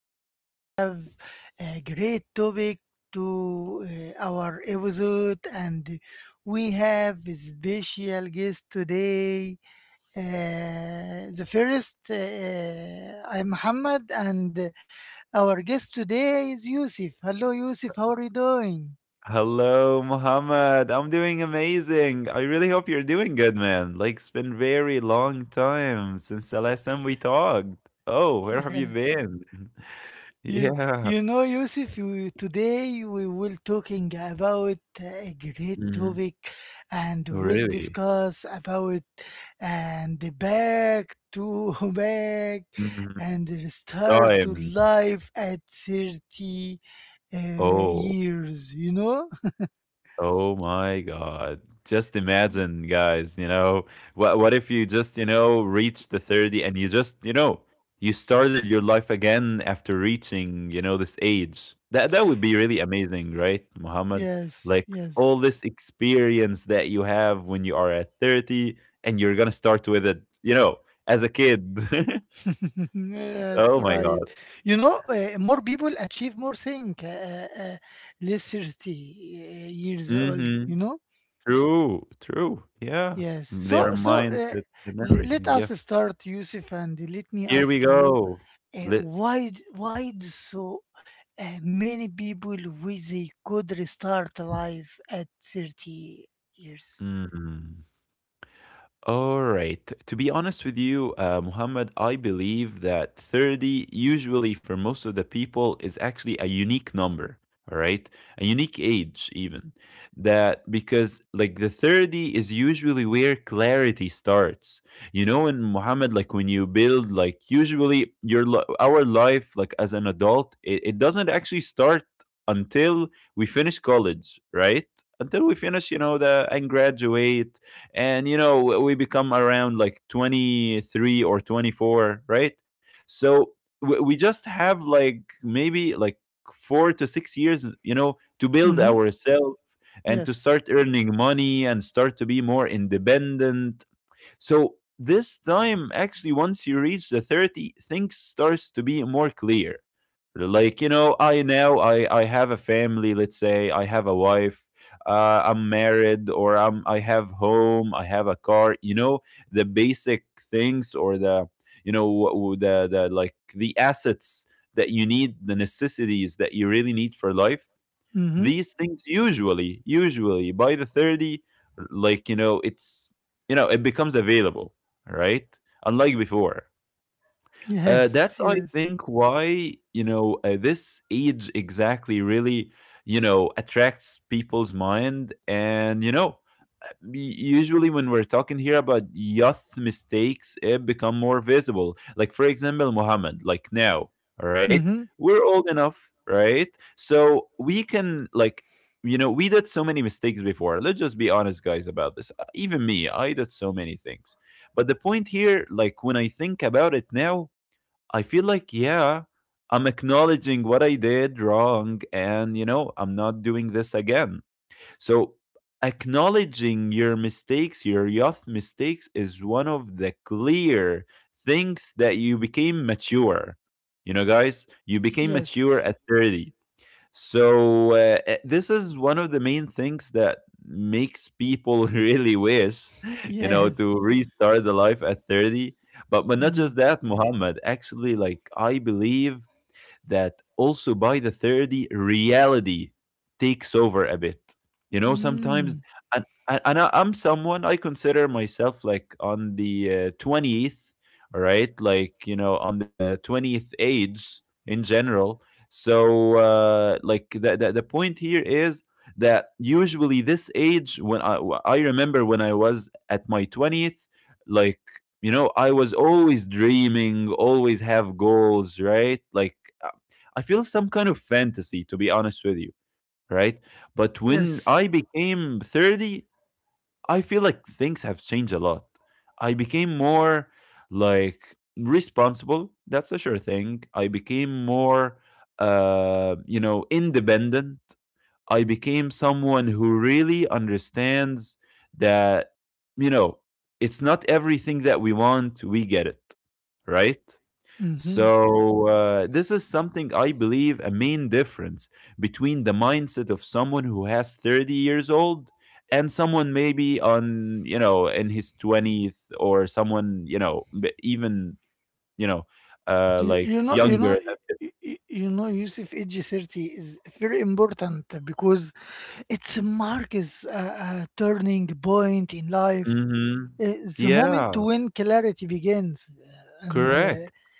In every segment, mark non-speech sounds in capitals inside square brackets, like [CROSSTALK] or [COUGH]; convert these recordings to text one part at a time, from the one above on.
we have a great topic to our episode, and we have a special guest today. The first I'm Muhammad, and our guest today is Yusuf. Hello Yusuf, how are you doing? Hello, Muhammad. I'm doing amazing. I really hope you're doing good, man. Like, it's been very long time since the last time we talked. Oh, [LAUGHS] where have you Yeah. been? [LAUGHS] You Yeah. you know, Yusuf, today we will talking about a great Mm, topic, and we'll really? discuss about and the back to [LAUGHS] back Mm, and the start to time. life at 30 Oh. years. You know? Oh my God. Just imagine, guys, what if you just, reach the 30 and you just, you started your life again after reaching, this age. That would be really amazing, right, Muhammad? Yes, Like, yes, all this experience that you have when you are at 30, and you're gonna start with it, as a kid. [LAUGHS] [LAUGHS] yes, Oh my God. right. You know, more people achieve more thing less 30 years old. You Mm-hmm. know? True, true. Yeah. Yes. Their So, so uh, mindset and l- let everything. us Yeah. start, Yusuf, and let me Here we ask you, go. Lit why do so many people wish they could restart life at 30 years? mm. All right. To be honest with you, Muhammad, I believe that 30, usually for most of the people, is actually a unique number. All right. A unique age, even. That because, like, the 30 is usually where clarity starts. You know, in Muhammad, like, when you build, like, usually your our life, like, as an adult, it doesn't actually start until we finish college, right? Until we finish, the and graduate, and we become around like 23 or 24, right. So we just have like maybe like 4 to 6 years, to build Mm-hmm. ourselves and to Yes. start earning money and start to be more independent. So this time, actually, once you reach the 30, things starts to be more clear. Like, you know I now I have a family. Let's say I have a wife, I'm married, or I have home, I have a car, the basic things, or the, like the assets that you need, the necessities that you really need for life. Mm-hmm. These things, usually by the 30, like it's, it becomes available, right, unlike before. Yes. That's, I Yes. think, why, this age exactly really, attracts people's mind. And, usually when we're talking here about youth mistakes, it become more visible. Like, for example, Muhammad, like now, all right, Mm-hmm. we're old enough, right? So we can, like, we did so many mistakes before. Let's just be honest, guys, about this. Even me, I did so many things. But the point here, like, when I think about it now, I feel like, yeah, I'm acknowledging what I did wrong, and, I'm not doing this again. So, acknowledging your mistakes, your youth mistakes, is one of the clear things that you became mature. You know, guys, you became Yes. mature at 30. So, this is one of the main things that makes people [LAUGHS] really wish, Yes. to restart the life at 30. But not just Mm. that, Muhammad. Actually, like, I believe that also by the 30, reality takes over a bit, sometimes. Mm. And I'm someone. I consider myself like on the 20th, all right, like, on the 20th age in general. So, like, the point here is that usually this age, when I remember when I was at my 20th, like, I was always dreaming, always have goals, right, like, I feel some kind of fantasy, to be honest with you, right? But when Yes. I became 30, I feel like things have changed a lot. I became more, like, responsible. That's a sure thing. I became more, independent. I became someone who really understands that, you know, it's not everything that we want, we get it, right? Mm-hmm. So, this is something I believe a main difference between the mindset of someone who has 30 years old and someone maybe on, in his 20th, or someone, even, you know, You, like, you know. You younger. know. Y- y- You know, Yusuf, age 30 is very important because it marks a turning point in life, Mm-hmm. uh, the moment Yeah, when clarity begins, and correct.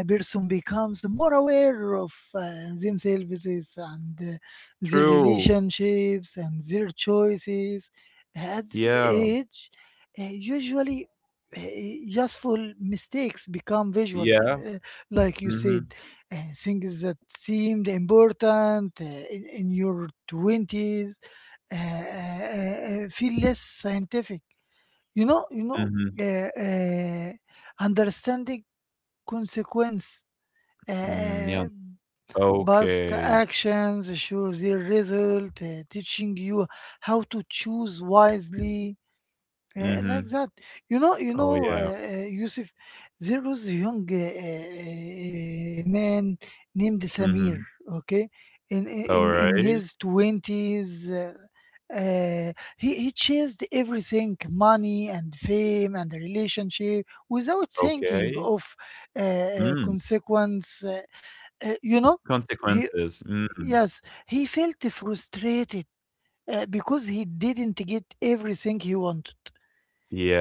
a person becomes more aware of themselves and their True. relationships and their choices. At this Yeah. age, usually useful mistakes become visual, Yeah. uh, like you Mm-hmm. said, things that seemed important in your 20s feel less scientific. You know, you know, Mm-hmm. uh, uh, understanding consequence, Mm, yeah. uh, past Okay. actions show their result, teaching you how to choose wisely. Like Mm-hmm. that, you Oh, know, yeah. Yusuf, there was a young man named Samir. Mm-hmm. Okay, in All in in his right. twenties, uh, he chased everything, money and fame and relationship, without thinking Okay. of Mm. consequence. You know, he Consequences. Mm. yes, he felt frustrated because he didn't get everything he wanted.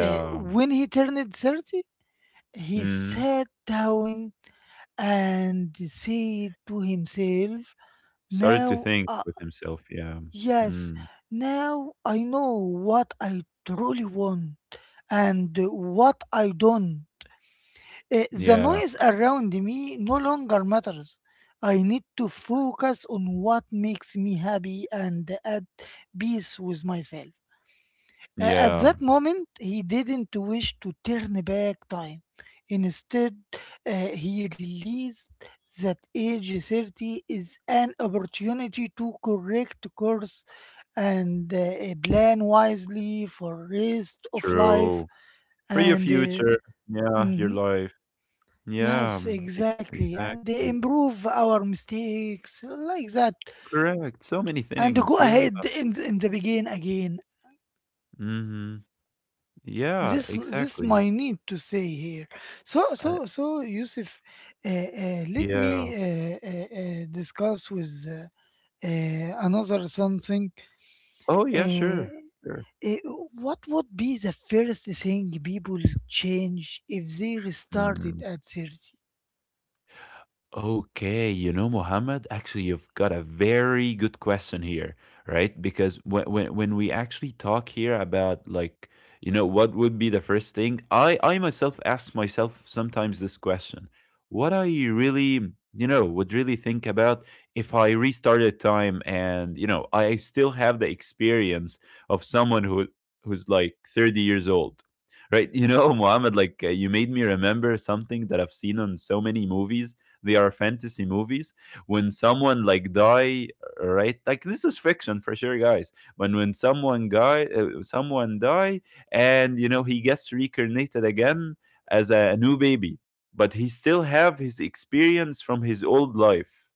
When he turned 30, he Mhm. sat down and said to himself, Started to now, think with himself. Yeah. yes, Mm. now I know what I truly want and what I don't. The Yeah. noise around me no longer matters. I need to focus on what makes me happy and at peace with myself. At Yeah. that moment, he didn't wish to turn back time. Instead, uh, he realized that age 30 is an opportunity to correct course and plan wisely for rest of life True. For your and future. Yeah. Your mhm, life. Yeah. Yes, exactly. And they Exactly. improve our mistakes like that Correct. So many and things. go Yeah. ahead in in the begin again. Hmm, yeah. This Exactly. my need to say here. So I, so so Yusuf, let me yeah. Discuss with another something. Oh, yeah. Uh, Sure. Sure. uh, what would be the first thing people change if they Mhm. restarted at 30? Okay, Mohammed, actually, you've got a very good question here, right? Because when we actually talk here about, like, what would be the first thing, I myself ask myself sometimes this question: what I really, would really think about if I restarted time, and I still have the experience of someone who's like 30 years old, right? You know, [LAUGHS] Mohammed, like, you made me remember something that I've seen on so many movies. They are fantasy movies, when someone, like, die, right. Like, this is fiction for sure, guys. When someone, guy someone die, and he gets reincarnated again as a new baby, but he still have his experience from his old life.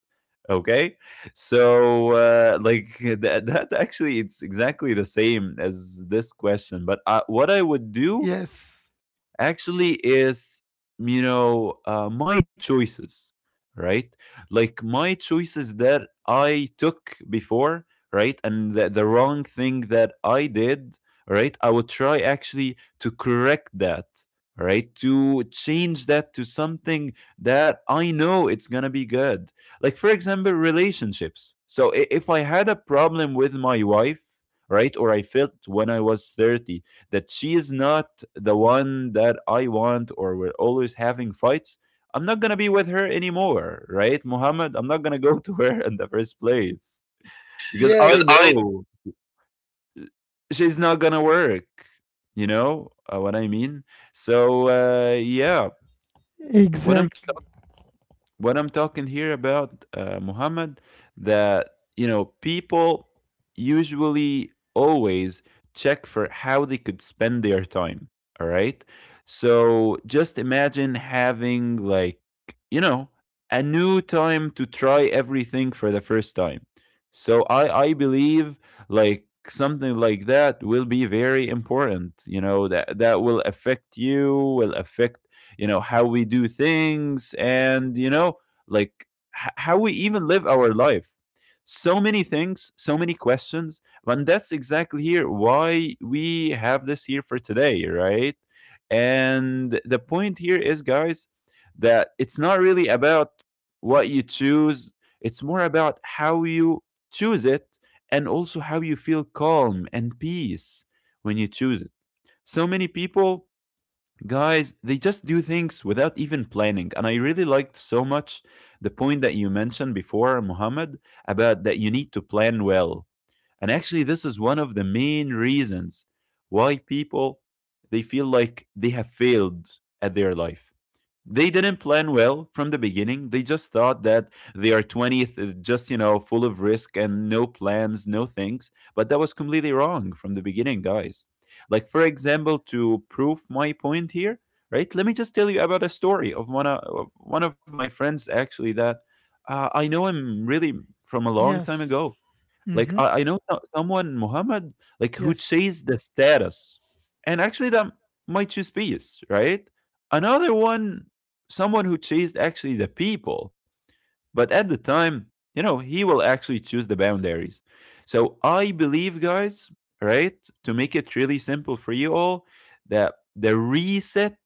Okay? So, like, [LAUGHS] that actually, it's exactly the same as this question. But, what I would do Yes. actually is, my choices, right, like, my choices that I took before, right, and the wrong thing that I did, right, I would try actually to correct that, right, to change that to something that I know it's gonna be good. Like, for example, relationships. So, if I had a problem with my wife, right, or I felt when I was 30 that she is not the one that I want, or we're always having fights, I'm not going to be with her anymore, right? Muhammad, I'm not going to go [LAUGHS] to her in the first place because Because I yes. I know she's not going to work. You know what I mean? So, yeah, what I'm exactly. What I'm talking here about, Muhammad, that, people usually always check for how they could spend their time. All right. So just imagine having, like, a new time to try everything for the first time. So I believe, like, something like that will be very important, that will affect, you will affect, how we do things, and, like, how we even live our life. So many things, so many questions, and that's exactly here why we have this here for today, right? And the point here is, guys, that it's not really about what you choose, it's more about how you choose it, and also how you feel calm and peace when you choose it. So many people. Guys, they just do things without even planning. And I really liked so much the point that you mentioned before, Muhammad, about that you need to plan well. And actually, this is one of the main reasons why people, they feel like they have failed at their life. They didn't plan well from the beginning. They just thought that they are 20th, is just, full of risk and no plans, no things. But that was completely wrong from the beginning, guys. Like, for example, to prove my point here, right? Let me just tell you about a story of one of my friends, actually, that, I know him really from a long time Yes. ago. Like, Mm-hmm. I know so someone, Muhammad, like who Yes. chased the status, and actually, that might choose peace, right? Another one, someone who chased actually the people, but at the time, he will actually choose the boundaries. So I believe, guys, right, to make it really simple for you all, that the reset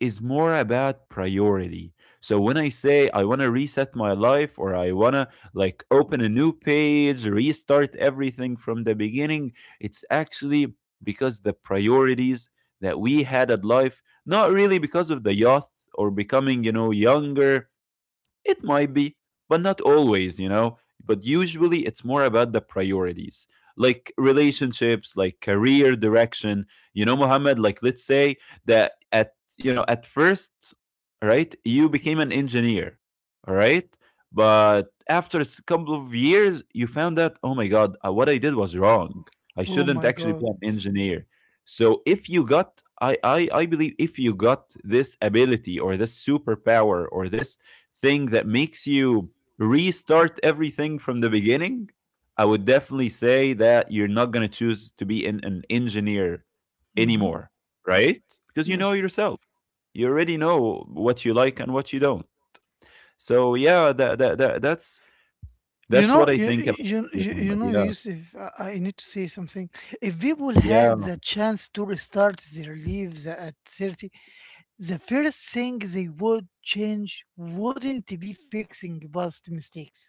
is more about priority. So when I say I want to reset my life, or I want to, like, open a new page, restart everything from the beginning, it's actually because the priorities that we had at life, not really because of the youth or becoming, younger, it might be, but not always. But usually it's more about the priorities, like relationships, like career direction. You know, Mohammed, like, let's say that at, at first, right, you became an engineer, all right? But after a couple of years, you found out, oh my God, what I did was wrong. I Oh shouldn't my actually be God. an engineer. So if you got, I believe, if you got this ability or this superpower or this thing that makes you restart everything from the beginning, I would definitely say that you're not going to choose to be an, engineer Mm-hmm. anymore, right? Because you know Yes. yourself. You already know what you like and what you don't. So yeah, You that's know, what I you, think about. Yeah, you know, Muhammad. Yeah, Yusuf, I need to say something. If people yeah. had the chance to restart their lives at 30, the first thing they would change wouldn't be fixing past mistakes,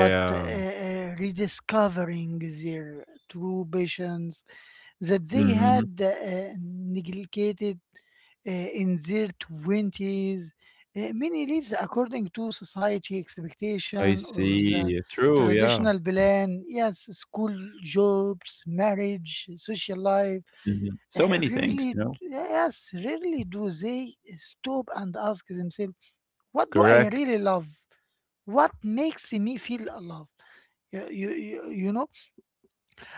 but rediscovering their true passions that they had Hmm, neglected in their 20s. Many lives according to society I expectation or the see. True. Yeah. traditional plan. Yes, school, jobs, marriage, social life. Mhm. So many things, Rarely, you know. yes, rarely do they stop and ask themselves, what do I Correct. really love? What makes me feel alive? You you, you, you know,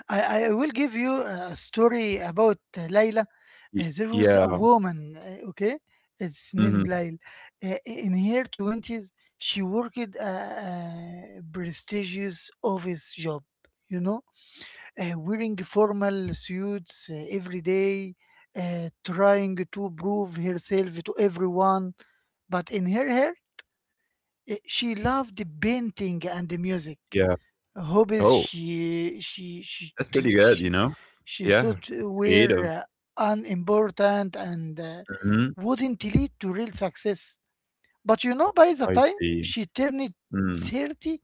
I, I, will give you a story about Layla. Y- There was Yeah. a woman, okay? It's named Hmm, Layla. In her 20s, she worked a prestigious office job, you know, wearing formal suits every day, trying to prove herself to everyone. But in her hair, she loved painting and music, yeah. hobbies Oh. That's pretty good, you know? she Yeah, thought were creative. Unimportant and Mhm. wouldn't lead to real success. But you know, by the I time see. she turned Mm, 30,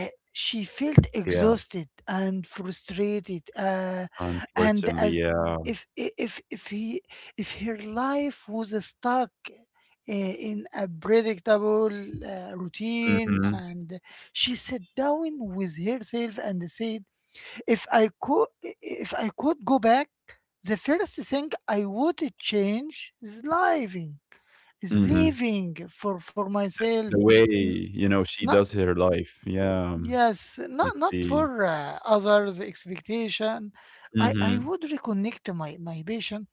uh, she felt yeah, exhausted and frustrated, and unfortunately, as yeah. if I- if he if her life was stuck uh, in a predictable routine, Mhm, and she sat down with herself and said, if i could if I could go back, the first thing I would change is mhm. living for myself. The way, you know, she N- does her life. Yeah, Yes, I not not see. for others' expectation. I Mhm. would reconnect my passion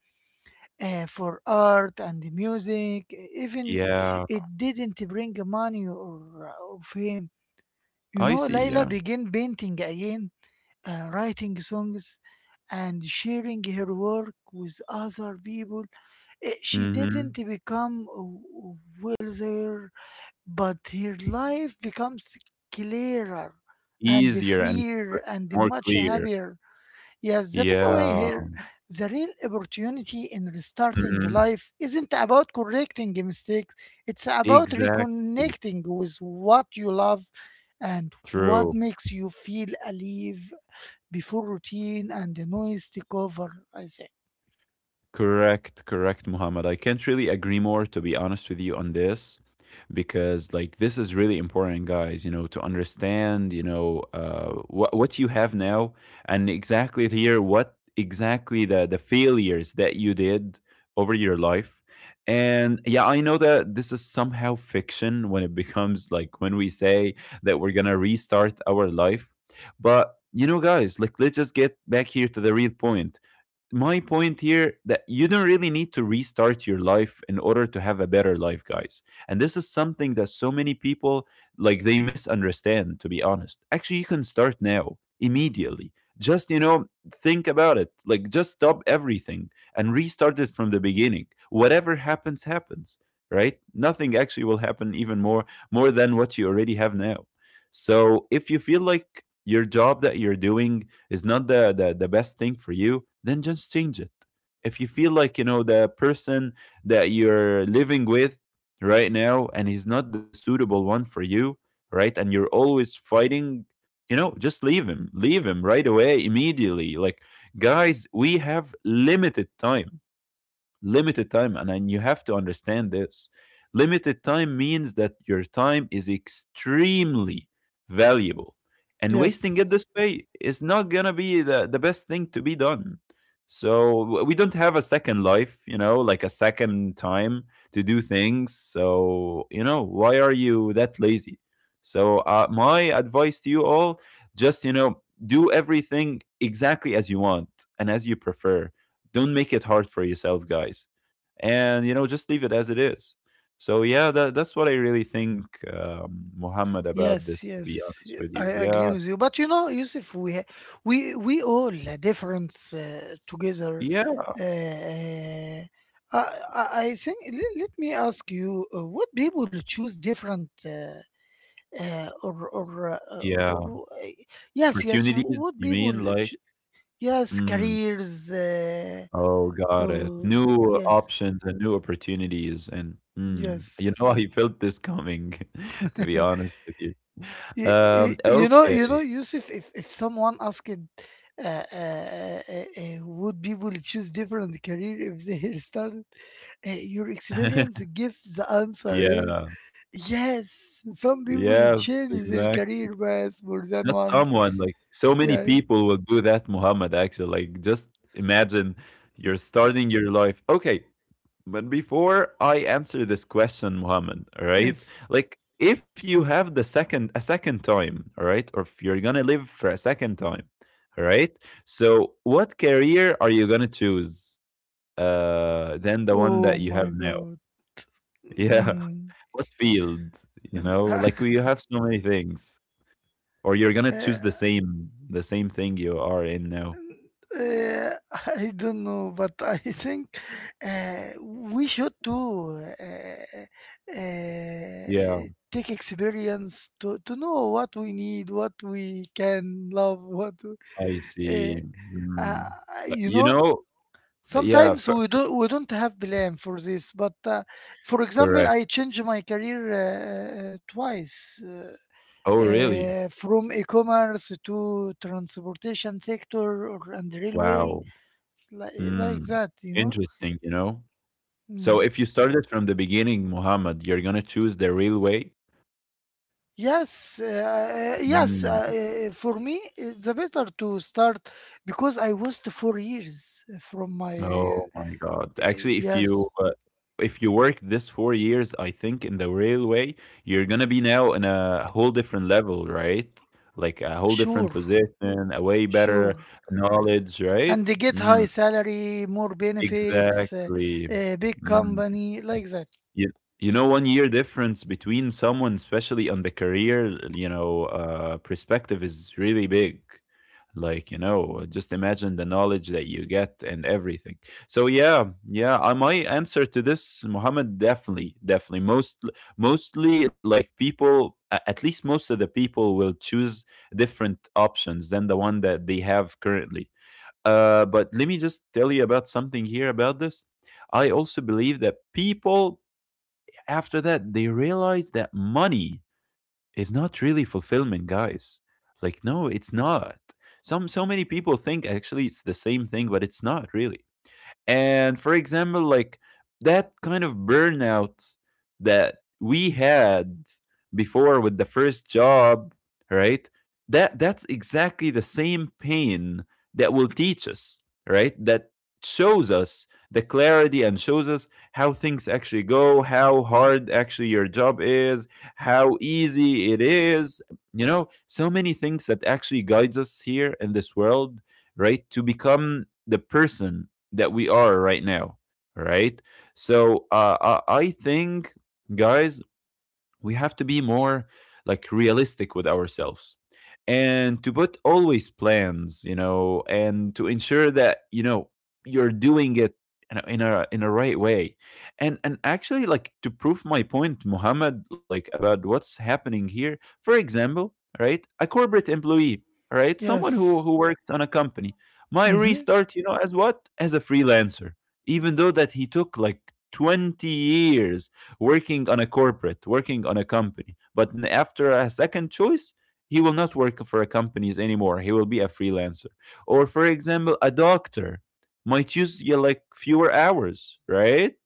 for art and music, e, even Yeah, it didn't bring money or, or fame. You I know, see, yeah. Layla began painting again, writing songs, and sharing her work with other people. She didn't Mhm. become wealthier, but her life becomes clearer and Easier and freer cl and more much clear. happier. Yes, the takeaway Yeah. here, the real opportunity in restarting Mhm. life isn't about correcting mistakes, it's about Exactly. reconnecting with what you love and True. what makes you feel alive before routine and the noise take over. I say, Correct, correct, Muhammad. I can't really agree more, to be honest with you, on this. Because like this is really important, guys, you know, to understand, what you have now. And exactly here, what exactly the failures that you did over your life. And yeah, I know that this is somehow fiction when it [LAUGHS] becomes like when we say that we're gonna restart our life. But you know, guys, like let's just get back here to the real point. My point here, that you don't really need to restart your life in order to have a better life, guys. And this is something that so many people, like they misunderstand, to be honest. Actually, you can start now immediately. Just, you know, think about it, like just stop everything and restart it from the beginning. Whatever happens happens, right? Nothing actually will happen even more than what you already have now. So if you feel like your job that you're doing is not the best thing for you, then just change it. If you feel like, you know, the person that you're living with right now, and he's not the suitable one for you, right, and you're always fighting, you know, just leave him, leave him right away immediately. Like, guys, we have limited time. Limited time, and you have to understand this. Limited time means that your time is extremely valuable, and wasting it yes. this way is not gonna be the best thing to be done. So we don't have a second life, you know, like a second time to do things. So, you know, why are you that lazy? So, my advice to you all: just, you know, do everything exactly as you want and as you prefer. Don't make it hard for yourself, guys, and you know, just leave it as it is. So yeah, that's what I really think, Muhammad, about Yes, this. To be yes, honest with you, I yeah, agree with you. But you know, Yusuf, we we all a difference together. yeah, Uh, uh, I I think. Let, let me ask you: what people choose different, yeah. or yes, yes, Opportunities? what You people? mean, like? Yes, Mm, careers. Oh, got it. Oh, New yes, options and new opportunities, and you know, [LAUGHS] yes. I felt this coming. [LAUGHS] To be [LAUGHS] honest with you, you, you, you know okay, Yusuf, if someone asked would people choose different career if they [LAUGHS] started, your experience [LAUGHS] gives the answer, eh? yeah, Yes, some people yes, change their exactly. career path more than Not once. someone, like, so many Yes, people will do that, Muhammad, actually. Like, just imagine you're starting your life. Okay, but before I answer this question, Muhammad, all right? yes, Like, if you have a second time, all right? Or if you're gonna live for a second time, all right? So, what career are you gonna choose? Than the one oh that you have my now. God. [LAUGHS] Yeah. Mm. What field? You know, like [LAUGHS] we have so many things. Or you're gonna Uh, choose the same thing you are in now. Uh, [LAUGHS] I don't know, but I think we should do Yeah, take experience to know what we need, what we can love, what I uh, see. uh, Mm. But, you you know. know, yeah, Sometimes f we don't have plan for this, but for example, correct. I changed my career twice. Oh, really? From e-commerce to transportation sector or and railway, Wow. like, eh, like Mm. that, you know. Interesting, you know? So if Mm. you started from the beginning, Muhammad, you're gonna choose the real way? Yes, yes. Mm. For me, the better to start because I was 4 years from my. Uh, Oh my god. Actually, yes, if you work this 4 years, I think, in the railway, you're gonna be now in a whole different level, right? Like a whole different sure, position, a way better sure, knowledge, and right? they get high Mm, salary, more benefits, exactly. Big Mm. company like that. You, you know, one year difference between someone, especially on the career, you know, perspective is really big. Like, you know, just imagine the knowledge that you get and everything. So yeah, yeah, I my answer to this, Muhammad, definitely, definitely. Mostly, like, people at least most of the people will choose different options than the one that they have currently. But let me just tell you about something here about this. I also believe that people, after that, they realize that money is not really fulfillment, guys. Like, no, it's not. Some so many people think actually it's the same thing, but it's not really. And for example, like that kind of burnout that we had before with the first job, right? That's exactly the same pain that will teach us, right? That shows us the clarity, and shows us how things actually go, how hard actually your job is, how easy it is. You know, so many things that actually guides us here in this world, right? To become the person that we are right now, right? So, I think, guys, we have to be more, like, realistic with ourselves, and to put always plans, you know, and to ensure that, you know, you're doing it in a right way. And actually, like, to prove my point, Muhammad, like about what's happening here, for example, right, a corporate employee, right, someone who Yes. who works on a company, might Mm-hmm. restart, you know, as what, as a freelancer, even though that he took like 20 years working on a corporate, working on a company. But after a second choice, he will not work for a companies anymore. He will be a freelancer. Or for example, a doctor might use, yeah, like fewer hours, right?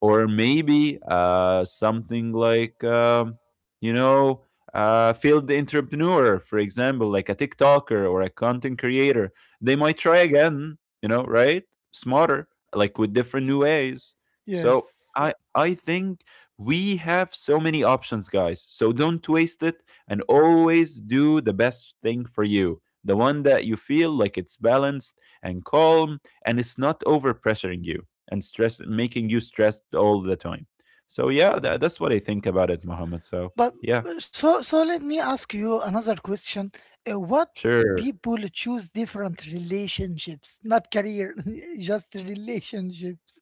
Or maybe something like you know, field entrepreneur, for example, like a TikToker or a content creator. They might try again, you know, right? Smarter, like with different new ways. So Yes. I think we have so many options, guys. So don't waste it, and always do the best thing for you. The one that you feel like, it's balanced and calm, and it's not overpressuring you and stress, making you stressed all the time. So yeah, that's what I think about it, Mohammed. So But yeah, so so let me ask you another question. What sure. people choose different relationships, not career, [LAUGHS] just relationships.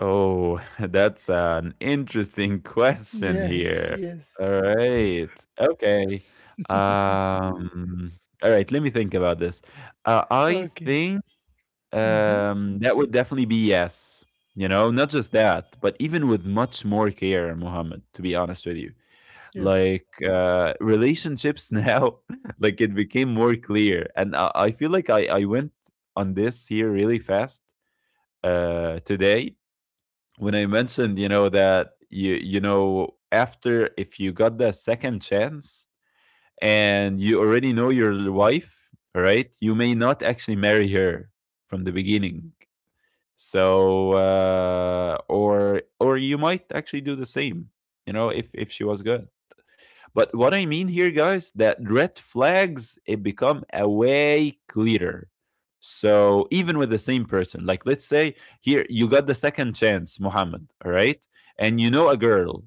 Oh, [LAUGHS] that's an interesting [LAUGHS] question Yes, here. yes. All [LAUGHS] right. Okay. Um, all right, let me think about this. I Okay. think. Mm-hmm. That would definitely be yes. You know, not just that, but even with much more care, Mohammed, to be honest with you. Yes. Like, relationships now, [LAUGHS] like it became more clear. And I feel like I went on this here really fast today when I mentioned, you know, that you know, after, if you got the second chance and you already know your wife, right, you may not actually marry her from the beginning. So, or you might actually do the same, you know, if she was good. But what I mean here, guys, that red flags, it become a way clearer. So even with the same person, like let's say here you got the second chance, Muhammad, all right, and you know a girl,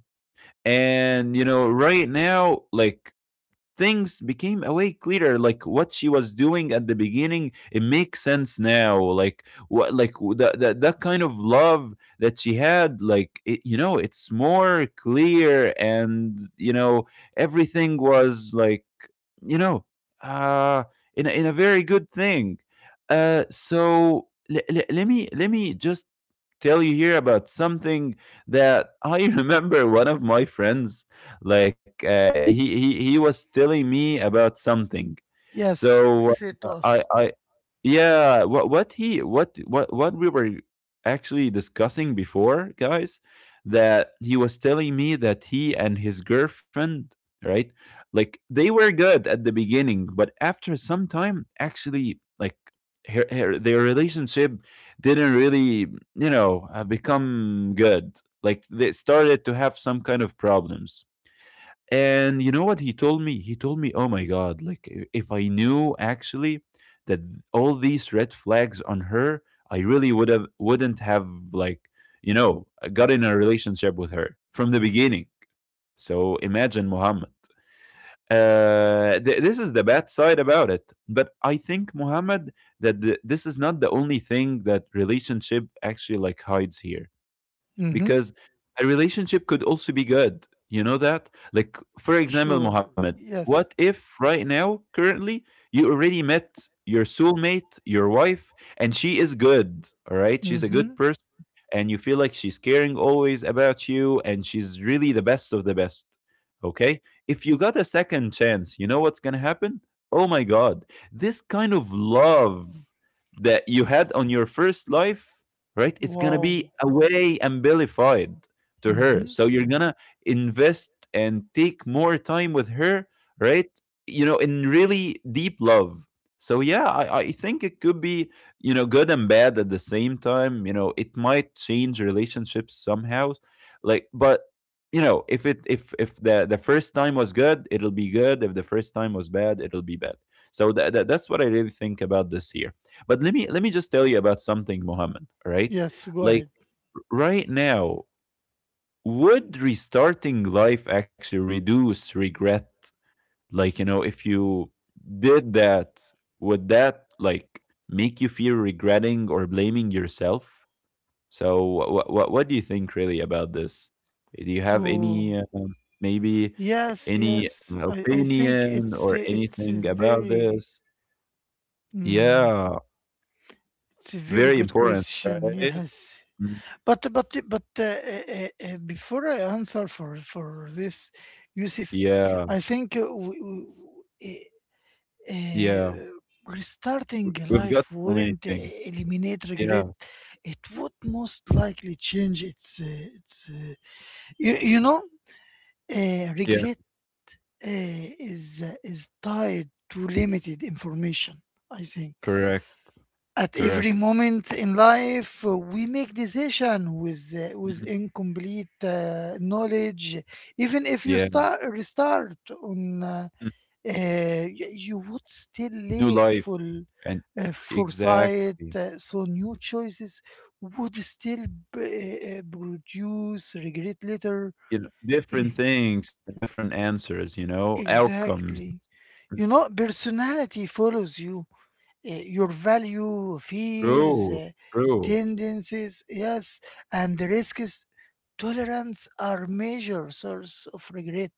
and you know right now, like things became awake clearer, like what she was doing at the beginning, it makes sense now. Like, that kind of love that she had, like it, you know, it's more clear. And you know, everything was like, you know, uh in a very good thing. So let me just tell you here about something that I [LAUGHS] remember. One of my friends, like, he was telling me about something. Yes, So, say to us. I yeah, what he what we were actually discussing before, guys, that he was telling me that he and his girlfriend, right? Like they were good at the beginning, but after some time, actually, like her, her their relationship didn't really, you know, become good. Like they started to have some kind of problems. And you know what he told me? He told me, "Oh my god, like, if I knew actually that all these red flags on her, I really wouldn't have, like, you know, got in a relationship with her from the beginning." So imagine, Muhammad. This is the bad side about it. But I think, Muhammad, that this is not the only thing that relationship actually, like, hides here, Mm-hmm. because a relationship could also be good. You know that? Like, for example, Sure. Mohammed, what Yes. if right now, currently, you already met your soulmate, your wife, and she is good, all right? She's a good Mm-hmm. person, and you feel like she's caring always about you, and she's really the best of the best, okay? If you got a second chance, you know what's gonna happen? Oh my God, this kind of love that you had on your first life, right? It's gonna be Wow. a way amplified to her. Mm-hmm. So you're gonna invest and take more time with her, right? You know, in really deep love. So yeah, I think it could be, you know, good and bad at the same time. You know, it might change relationships somehow. Like, but if it if the first time was good, it'll be good. If the first time was bad, it'll be bad. So that's what I really think about this year. But let me just tell you about something, Mohammed. Right, Yes, go like ahead. right now, would restarting life actually reduce regret? If you did that, would that like make you feel regretting or blaming yourself? So, what do you think really about this? Do you have any Oh. Maybe Yes, any yes. I think opinion or it's anything about very this? mm, Yeah, it's a very very good important, right? question. Yes, Mm. But before I answer for this, Yusuf, Yeah. I think w- Yeah, uh, restarting we've got life so many wouldn't things. eliminate Yeah, regret. It would most likely change its its uh, you you know yeah, regret is tied to limited information. I think correct, at every correct. moment in life, we make decision with Mhm. incomplete knowledge. Even if you Yeah, start restart on, mm, y- you would still new lack life full and foresight. exactly, So new choices would still produce regret later. you know, different things and different answers, you know, outcomes. Exactly, Mhm. you know, personality follows you. Your value, fears, True, true. tendencies, yes, and risks. Tolerance are major source of regret.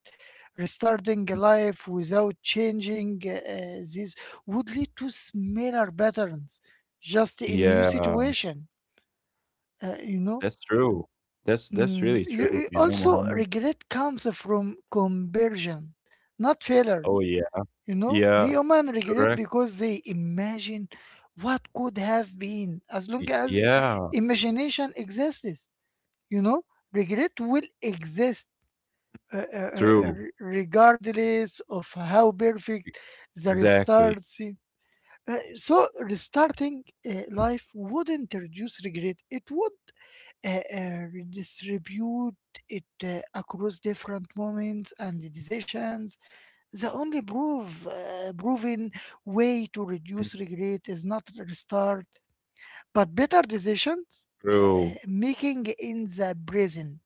Restarting Mm. a life without changing this would lead to similar patterns, just in new Yeah, situation. uh, you know, that's true. That's Mm, really true, you- you know, also Mohammed. regret comes from conversion, not Oh failures. yeah, You know, yeah, human regret correct. because they imagine what could have been. As long as Yeah, imagination exists, you know, regret will exist true. Regardless of how E- perfect the Exactly. restart seem. So, restarting life wouldn't reduce regret, it would redistribute it across different moments and decisions. The only proven way to Mhm. reduce regret is not restart, but better decisions, uh, True. making in the present,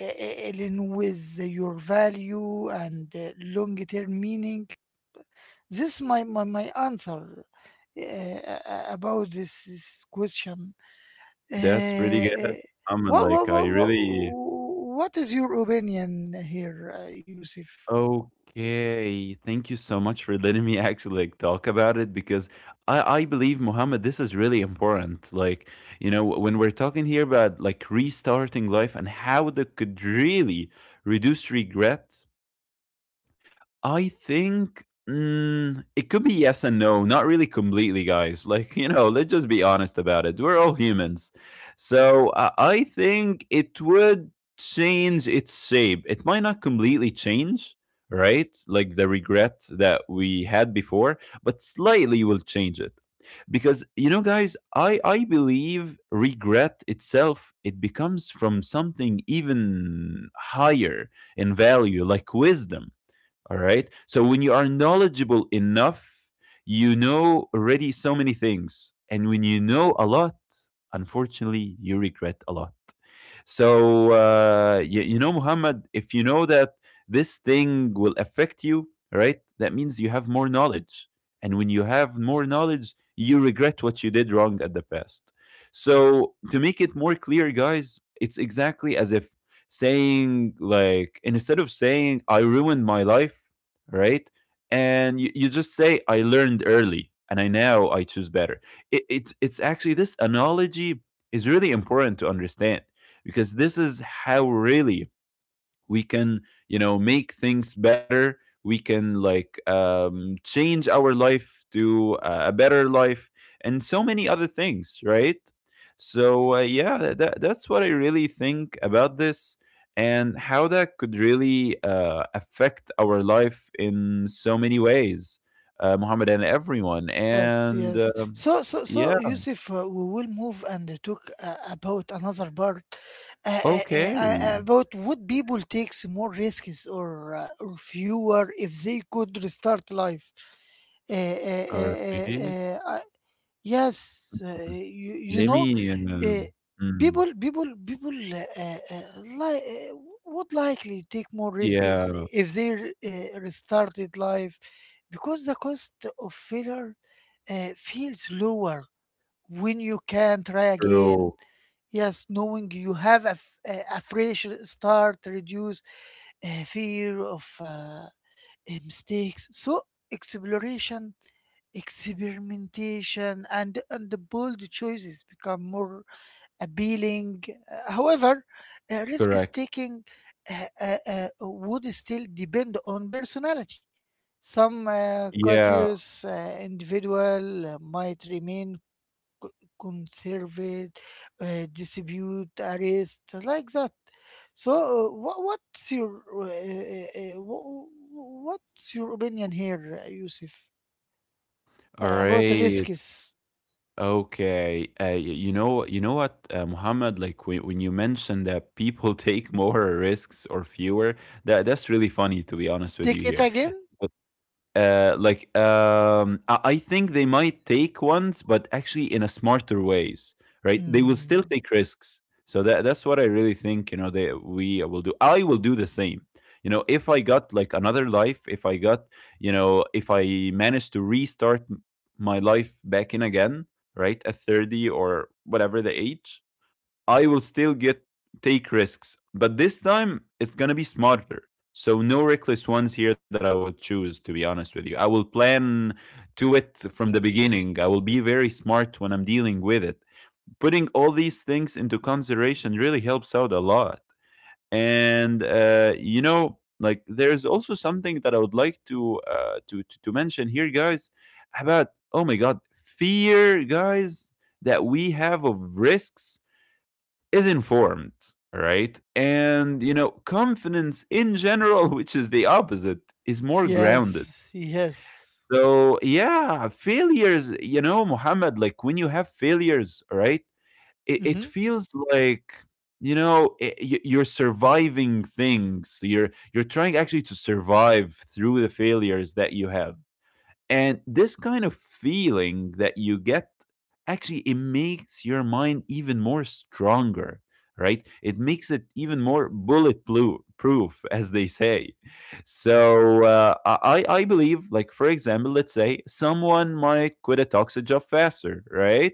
in with your value and long-term meaning. This my my answer about this, this question. Uh, That's really uh, good. I'm what, what like I what what really what is your opinion here, Yusuf? Okay, thank you so much for letting me [LAUGHS] actually like talk about it because I believe Muhammad this is really important. Like, you know, when we're talking here about like restarting life and how that could really reduce regret. I think it could be yes and no, not really completely, guys. Like, [LAUGHS] you know, let's just be honest about it. We're all humans. So I think it would change its shape. It might not completely change, right? Like the regret that we had before, but slightly will change it. Because you know, guys, I believe regret itself it becomes from something even higher in value, like wisdom, all right. So when you are knowledgeable enough, you know already so many things. And when you know a lot, unfortunately, you regret a lot. So, you know, Muhammad, if you know that this thing will affect you, right? That means you have more knowledge. And when you have more knowledge, you regret what you did wrong at the past. So, to make it more clear, guys, it's exactly as if saying, like, instead of saying, I ruined my life, right? And you just say, I learned early and I now I choose better. It's actually this analogy is really important to understand, because this is how really we can, you know, make things better. We can like change our life to a better life and so many other things, right? So yeah, that's what I really think about this, and how that could really affect our life in so many ways, Muhammad and everyone. Yes, And yes. So, so, yeah, so, Yusuf, we will move and talk about another part, uh, uh, uh, okay, about would people takes more risks or or fewer if they could restart life. Uh, uh, all uh, right. uh, uh, Yes, you you Let know, me, uh, mm, people like uh, would likely take more risks yeah, if they restarted life because the cost of failure feels lower when you can try again. true, Yes, knowing you have a fresh start reduce fear of mistakes. So exploration, experimentation, and the bold choices become more appealing. However, risk correct. taking would still depend on personality. Some Yeah, cautious individual might remain co- conservative, distribute arrest like that. So, what, what's your wh- wh- what's your opinion here, Yusuf, all about right, risks? okay. You know what, Muhammad, like when you mentioned that people [LAUGHS] take more risks or fewer, that's really funny to be honest with you Take it here. again? Like I think they might take ones, but actually in a smarter ways, right? They will still Mm, take risks. So that's what I really think. You know, they we will do. I will do the same. You know, if I got like another life, if I got, you know, if I managed to restart my life back in again, right, at 30 or whatever the age, I will still get take risks, but this time it's gonna be smarter. So no reckless ones here that I would choose. To be honest with you, I will plan to it from the beginning. I will be very smart when I'm dealing with it. Putting all these things into consideration really helps out a lot. And you know, like there's also something that I would like to to mention here, guys, about, oh my god, fear, guys, that we have of risks is informed, right? And, you know, confidence in general, [LAUGHS] which is the opposite, is more grounded. yes, yes. So, yeah, failures, you know, Muhammad, like when you have failures, right? It Mm-hmm. feels like, you know, you're surviving things. You're trying actually to survive through the failures that you have. And this kind of feeling that you get actually it makes your mind even more stronger, right? It makes it even more bulletproof, [LAUGHS] proof, as they say. So I believe, like for example, let's say someone might quit a toxic job faster, right?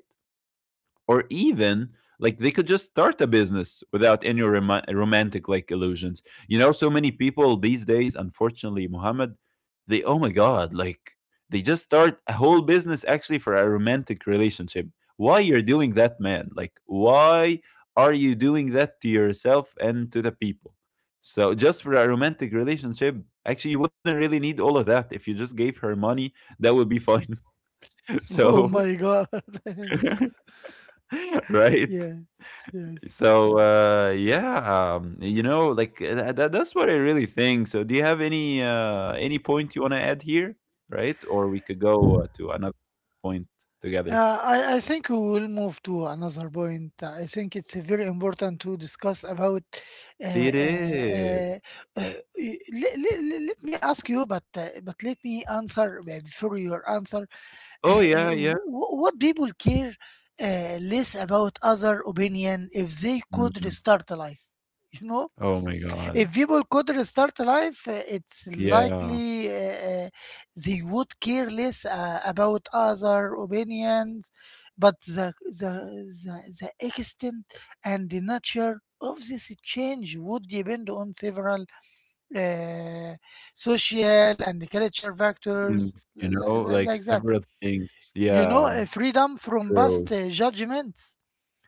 Or even like they could just start a business without any romantic like illusions. You know, so many people these days, unfortunately, Muhammad, they, oh my god, like they just start a whole business actually for a romantic relationship. Why you're doing that, man? Like, why are you doing that to yourself and to the people? So just for a romantic relationship? Actually you wouldn't really need all of that if you just gave her money. That would be fine. [LAUGHS] [LAUGHS] Oh So. my God. [LAUGHS] Yes, [LAUGHS] Right. yes, yes. So yeah, you know, like that's what I really think. So do you have any point you want to add here, right? Or we could go to another point together. I I think we will move to another point. I think it's very important to discuss about. Uh, It uh, is. uh, uh, let me ask you, but let me answer before your answer. Oh Uh, uh, yeah, yeah. wh- what people care less about other opinion if they could Mhm. restart a life? You know, Oh my God. if people could restart life, it's Yeah. likely they would care less about other opinions, but the extent and the nature of this change would depend on several uh, social and culture factors Things, you li- know, li- like like that. several things. You know, Yeah, freedom from past true. Judgments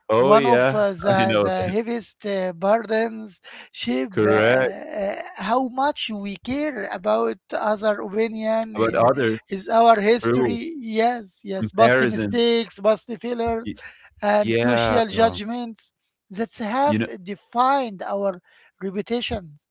Oh one of yeah, [LAUGHS] I the know the that. heaviest burdens shape Correct. How much we care about other opinion About in others, is our true. history. Yes, yes, past Comparisons. mistakes, past failures Y- and yeah. social judgments that You have know. defined our reputations.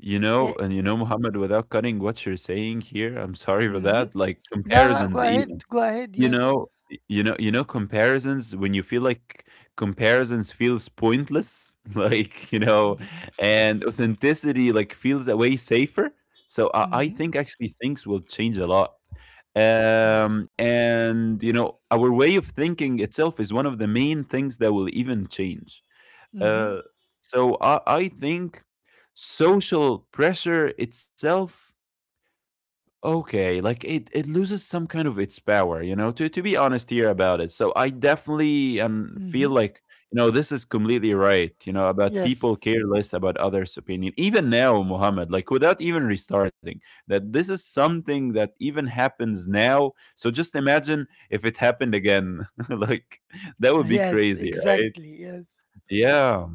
You know, Eh, and you know, Muhammad, without cutting what you're saying here, I'm sorry for mhm. that. Like لا لا, go comparisons, even ahead, go ahead. Yes. You know, comparisons. When you feel like comparisons feels pointless, [LAUGHS] like you know, Mhm, and authenticity like feels a way safer. So I mhm. think actually things will change a lot. And you know, our way of thinking itself is one of the main things that will even change. Mhm, Uh, so I think social pressure itself, okay, like it loses some kind of its power, you know, to be honest here about it. So I definitely feel mhm. like, you know, this is completely right, you know, about people Yes. care less about others' opinion. Even now, Muhammad, like without even restarting, that this is something that even happens now. So just imagine if it happened again. [LAUGHS] Like that would be Yes, crazy, right? exactly. Yes. Yeah.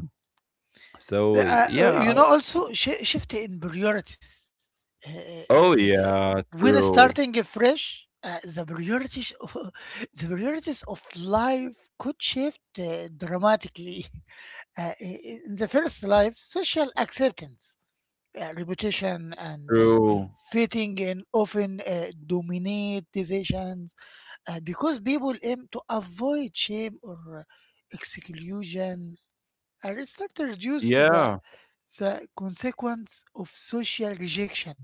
So Yeah, yeah. you know, also shift in priorities. Uh, uh, uh, uh, Oh, yeah, when true, starting fresh, the priorities of [LAUGHS] the priorities of life could shift dramatically. [LAUGHS] In the first life, social acceptance, reputation, and true. fitting in often dominate decisions because people aim to avoid shame or exclusion. Aristotle reduces the, Yeah, the consequence of social rejection,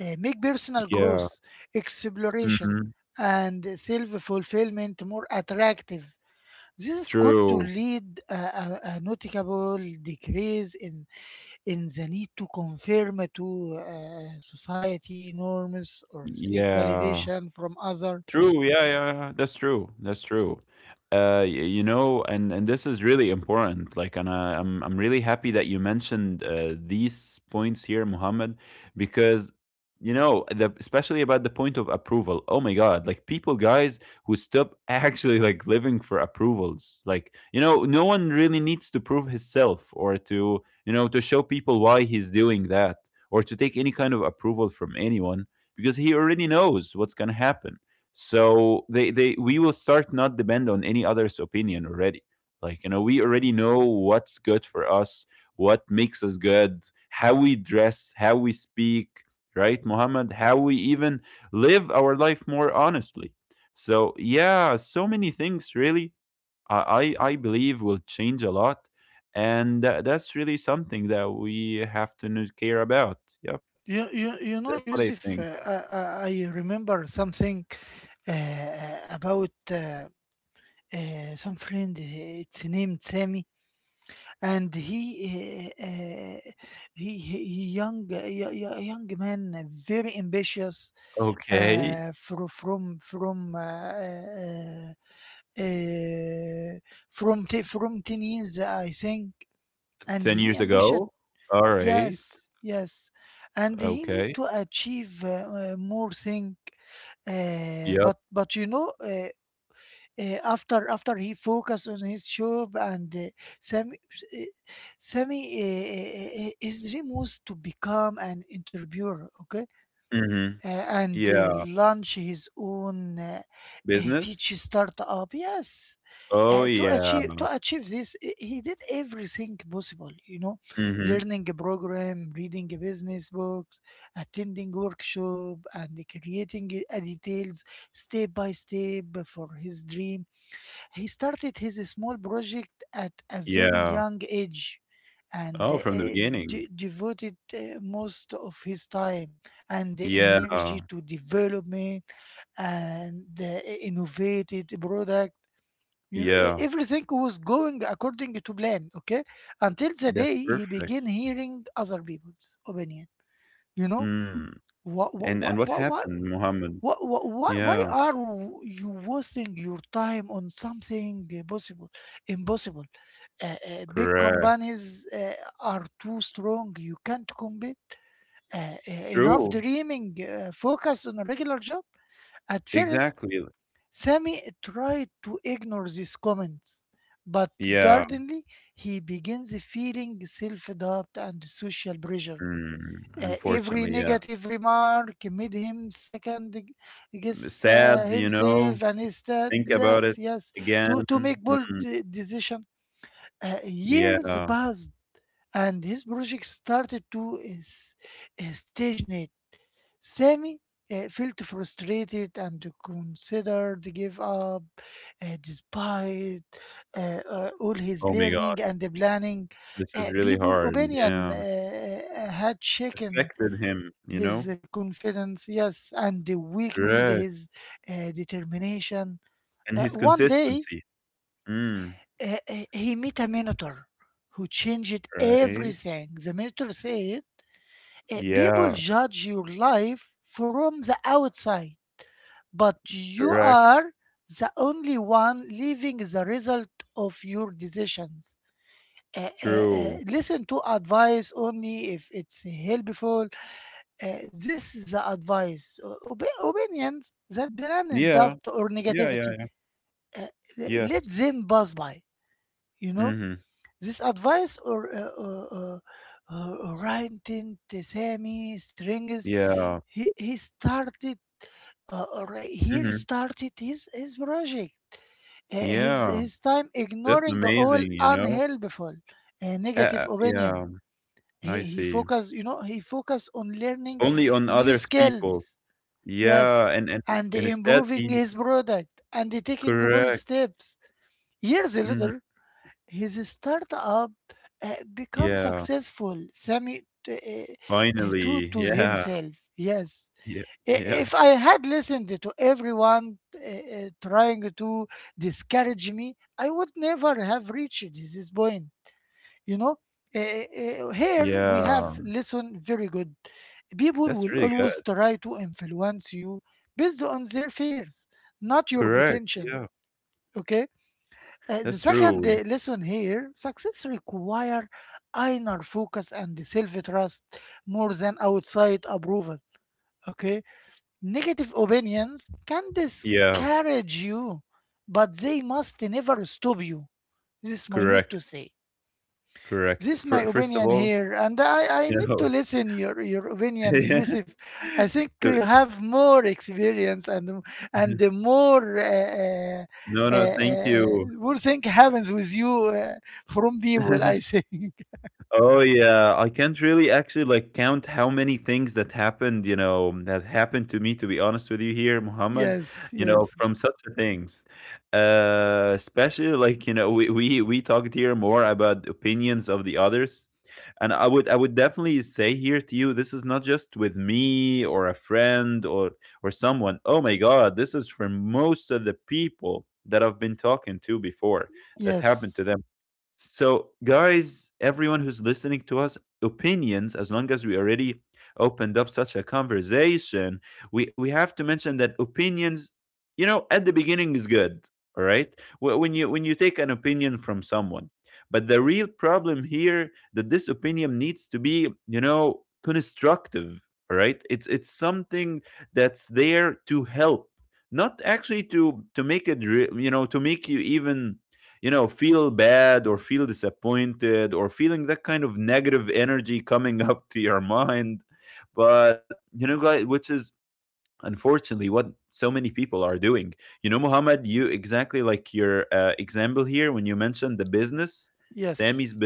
make personal yeah, growth, exploration, mhm, and self fulfillment more attractive. This is could to true, lead a notable decrease in the need to conform to society norms or seek yeah. validation from others. True. Yeah, yeah, yeah. That's true. That's true. You know, and this is really important. Like, and I'm really happy that you mentioned these points here, Muhammad, because you know, the, especially about the point of approval. Oh my God! Like people, guys, who stop [LAUGHS] actually like living for approvals. Like, you know, no one really needs to prove himself or to, you know, to show people why he's doing that, or to take any kind of approval from anyone, because he already knows what's gonna happen. So they we will start not depend on any other's opinion already. Like, you know, we already know what's good for us, what makes us good, how we dress, how we speak, right, Muhammad, how we even live our life more honestly. So yeah, so many things really, I believe will change a lot. And that's really something that we have to care about. Yep. You That's know, what I think. Yusuf, I, I remember something about some friend. It's named Sammy, and he he young young man, very ambitious, Okay. uh, from from from uh, uh, uh, from t- from 10 years I think, and 10 he years ambition. ago. All right. Yes, yes, and he need Okay. to achieve more thing. Yep. But you know, after after he focus on his job and Sammy, uh, Sammy, his dream was to become an interviewer, okay? Mhm. And Yeah. launch his own Business? teach startup. Yes, Oh, to yeah. achieve, to achieve this, he did everything possible. You know, Mhm. learning a program, reading a business books, attending workshop, and creating details step by step for his dream. He started his small project at a very Yeah. young age and Oh, uh, from the beginning. de- devoted uh, most of his time and the Yeah. energy to development and the innovated product. You know, e- Yeah. everything was going according to plan, okay? Until the That's day he perfect. began hearing other people's opinion. You know, Mm. what, what, And what what, what, happened, Muhammad? what, why, Yeah. why are you wasting your time on something possible, impossible? Big Correct. companies are too strong. You can't compete. Uh, uh, Enough True. dreaming. Focus on a regular job. At first, Exactly. Sammy tried to ignore these comments, but Yeah. gradually he begins feeling self-doubt and social pressure. Mm. Every Unfortunately, yeah. negative remark made him second guess Sad, you know. himself and is Think about less. it Yes, again. To make bold Mm. decision. Years Yeah. passed and his project started to is, stagnate. Sammy felt frustrated and considered to give up despite all his Oh my learning God. and the planning. This is really People hard. opinion Yeah. Had shaken Affected him, you know? his confidence, yes, and weakened Correct. his determination. And his One day, consistency. Mm, he met a minotaur who changed right? everything. The minotaur said, People Yeah, judge your life from the outside, but you correct, are the only one living the result of your decisions. True. Listen to advice only if it's helpful. Uh, this is the advice, opinions that blend in Yeah, doubt or yeah, negativity. yeah, Uh, let yes. them pass by." You know, Mhm. this advice or uh, Ryan Tint, Strings. Yeah, He started or he mhm. started his project. uh, his Yeah, his time that's ignoring all amazing, you know? unhelpful negative opinion. Yeah, He I he see. focus, you know, he focus on learning Only on new others skills. people. Yes, Yeah, and and instead improving the his product and taking bold correct. steps. Years later, Mhm. his startup becomes Yeah, successful. Sammy finally. to Yeah, himself. Yes, yeah, I- yeah, if I had listened to everyone trying to discourage me, I would never have reached this point, you know. Here we have yeah. listen very good. People That's will really always good. try to influence you based on their fears, not your Correct. potential. Yeah, Okay. The that's second true. Lesson here, success require inner focus and self-trust more than outside approval. Okay, negative opinions can Yeah, discourage you, but they must never stop you. This is my need to correct. say. Correct. This my First of opinion all, here, and I you need to know, listen your [LAUGHS] opinion, yeah, Yusuf. I think you the. have more experience and the [LAUGHS] more No, no, thank you. more thing happens with you from people. I [LAUGHS] think [LAUGHS] Oh yeah, I can't really actually like count how many things that happened, you know, that happened to me to be honest with you here, Muhammad, yes, you know, yes, from such a things. Especially like, you know, we talked here more about opinions of the others. And I would definitely say here to you, this is not just with me or a friend or someone. Oh my god, this is for most of the people that I've been talking to before that happened yes, to them. So, guys, everyone who's listening to us, opinions, as long as we already opened up such a conversation, we have to mention that opinions, you know, at the beginning is good. All right. When you when you take an opinion from someone. But the real problem here that this opinion needs to be, you know, constructive. All right. It's something that's there to help, not actually to make it re- you know, to make you even feel bad or feel disappointed or feeling that kind of negative energy coming [LAUGHS] up to your mind, but you know guys, which is unfortunately what so many people are doing. You know Muhammad, you exactly like your example here when you mentioned the business Sammy's, yes,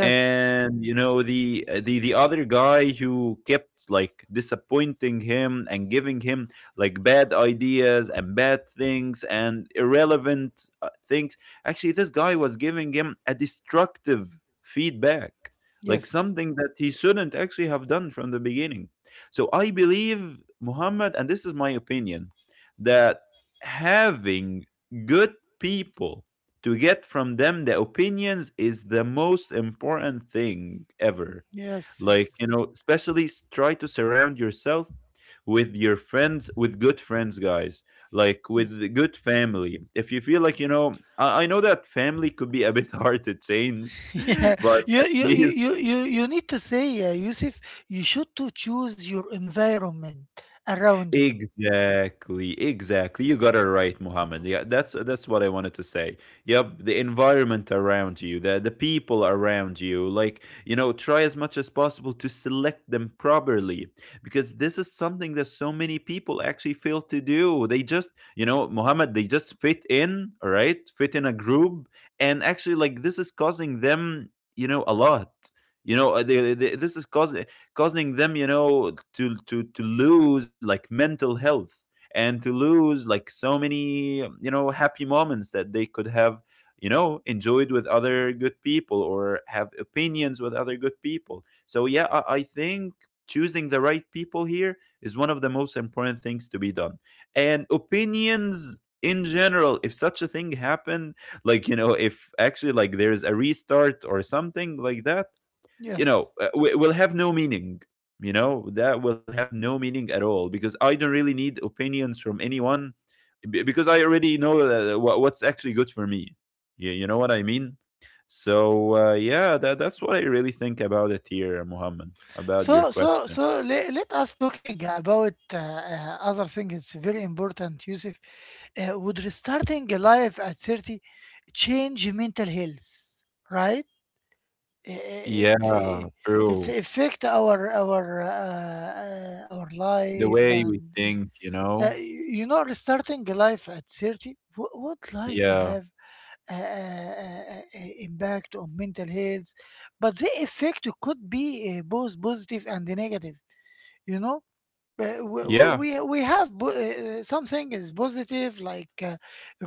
and you know the the other guy who kept like disappointing him and giving him like bad ideas and bad things and irrelevant things. Actually this guy was giving him a destructive feedback, like yes, something that he shouldn't actually have done from the beginning. So I believe Muhammad, and this is my opinion, that having good people to get from them the opinions is the most important thing ever. yes, Like, you yes, know, especially try to surround yourself with your friends, with good friends, guys, like yes. with the good family. If you feel like, you know, I know that family could be a bit [LAUGHS] hard to change, [LAUGHS] Yeah, [LAUGHS] but you, at you, you, least. you, you you need to say, Yusuf, you should to choose your environment around you. Exactly, exactly. You got it right, Muhammad. Yeah, that's what I wanted to say. Yep, the environment around you, the people around you, like, you know, try as much as possible to select them properly, because this is something that so many people actually fail to do. They just, you know, Muhammad, they just fit in, all right? Fit in a group, and actually like this is causing them, you know, a lot. You know, this is causing them, you know, to lose like mental health, and to lose like so many, you know, happy moments that they could have, you know, enjoyed with other good people or have opinions with other good people. So yeah, I think choosing the right people here is one of the most important things to be done. And opinions in general, if such a thing happened, like you know, if actually like there's a restart or something like that, you Yes. know, will have no meaning. You know, that will have no meaning at all, because I don't really need opinions from anyone because I already know what's actually good for me. You know what I mean? So, yeah, that's what I really think about it here, Muhammad, about your So, so, question. so let, let us talking about other thing. It's very important, Yusuf. Would restarting a life at 30 change mental health, right? Uh, uh, Yeah, It's uh, it's true. affect our The life way and we think, you know? You you know restarting a life at 30 would likely Yeah. have a impact on mental health, but the effect could be both positive and negative. You know, uh, w- Yeah. w- we we have something is positive like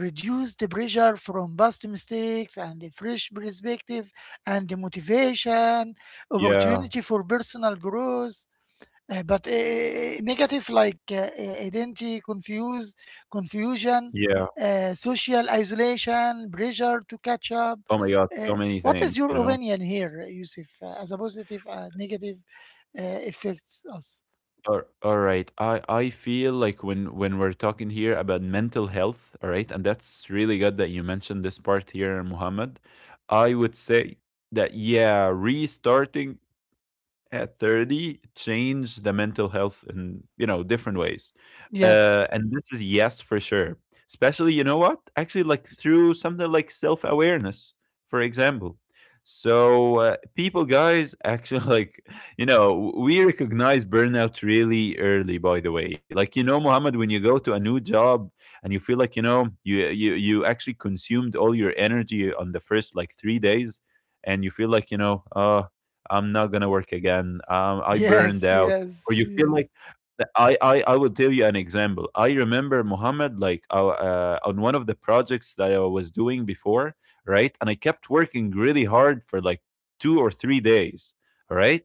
reduced pressure from past mistakes and a fresh perspective and the motivation, Yeah. opportunity for personal growth, but negative like identity confuse confusion, Yeah. Social isolation, pressure to catch up. Oh my God. uh, So many what is things, your you know? opinion here, Yusuf, as a positive and negative affects us? All right. I feel like when we're talking here about mental health, all right, and that's really good that you mentioned this part here, Muhammad. I would say that yeah, restarting at 30 change the mental health in, you know, different ways. Yes. And this is, yes, for sure, especially you know, what actually like through something like self-awareness, for example. So people guys actually [LAUGHS] like, you know, we recognize burnout really early, by the way, like, you know, Mohammed, when you go to a new job and you feel like, you know, you actually consumed all your energy on the first like 3 days, and you feel like, you know, I'm not gonna work again. I burned Yes, out, or yes, you feel yes, like I will tell you an example. I remember Muhammad like on one of the projects that I was doing before, right? And I kept working really hard for like 2 or 3 days, all right?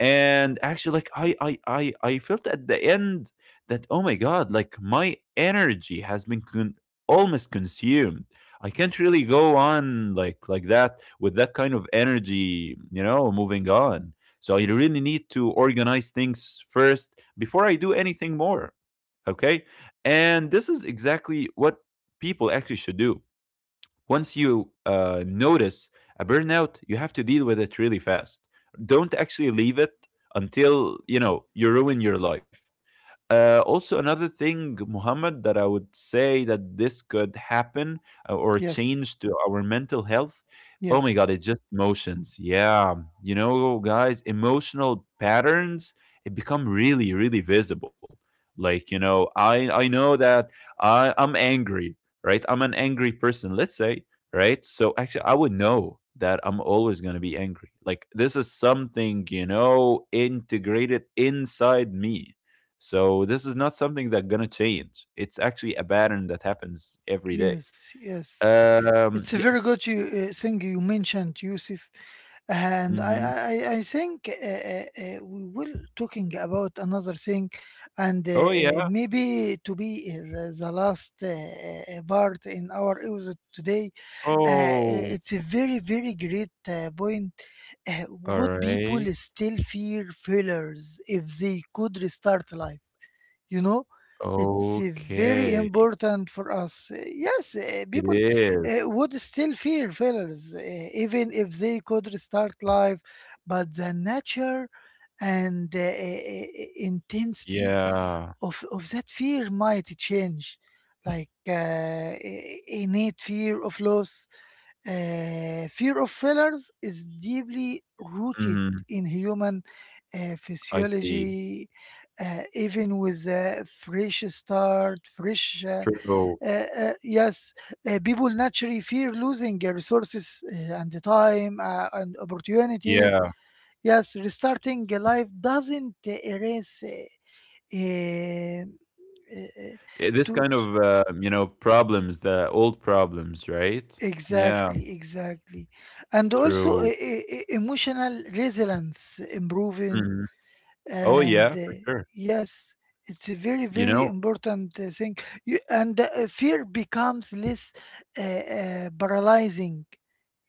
And actually, like I felt at the end that, oh my God, like my energy has been almost consumed. I can't really go on like that, with that kind of energy, you know, moving on. So I really need to organize things first before I do anything more. Okay. And this is exactly what people actually should do. Once you notice a burnout, you have to deal with it really fast. Don't actually leave it until, you know, you ruin your life. Also, another thing, Muhammad, that I would say that this could happen, or change to our mental health. Oh my yes, God, it's just emotions. Yeah. You know, guys, emotional patterns, it become really, really visible. Like, you know, I know that I'm angry, right? I'm an angry person, let's say, right? So actually, I would know that I'm always going to be angry. Like, this is something, you know, integrated inside me. So this is not something that's gonna change. It's actually a pattern that happens every day. yes, yes, yes. Um. It's a y- very good you, thing you mentioned, Yusuf. And I, mhm. I, I I think we will talking about another thing, and Oh yeah. maybe to be the last part in our episode today. Uh, uh, Oh. it's a very, very great point. All Would people right. still fear failures if they could restart life? You know, it's very Okay. important for us. Yes, It people is. Would still fear failures even if they could restart life, but the nature and uh, intensity Yeah. Of that fear might change, like innate fear of loss, fear of failures is deeply rooted Hmm. in human I see. physiology. Even with a fresh start, True. Yes, people naturally fear losing resources and the time and opportunities. Yeah. Yes, restarting a life doesn't erase. Uh, uh, Eh, this to, kind of, you know, problems, the old problems, right? Yeah. Exactly, exactly. And also e- True. e- e- emotional resilience improving. Mhm. Oh And yeah, for sure. yes, it's a very, You know, very important thing. You, and fear becomes less paralyzing,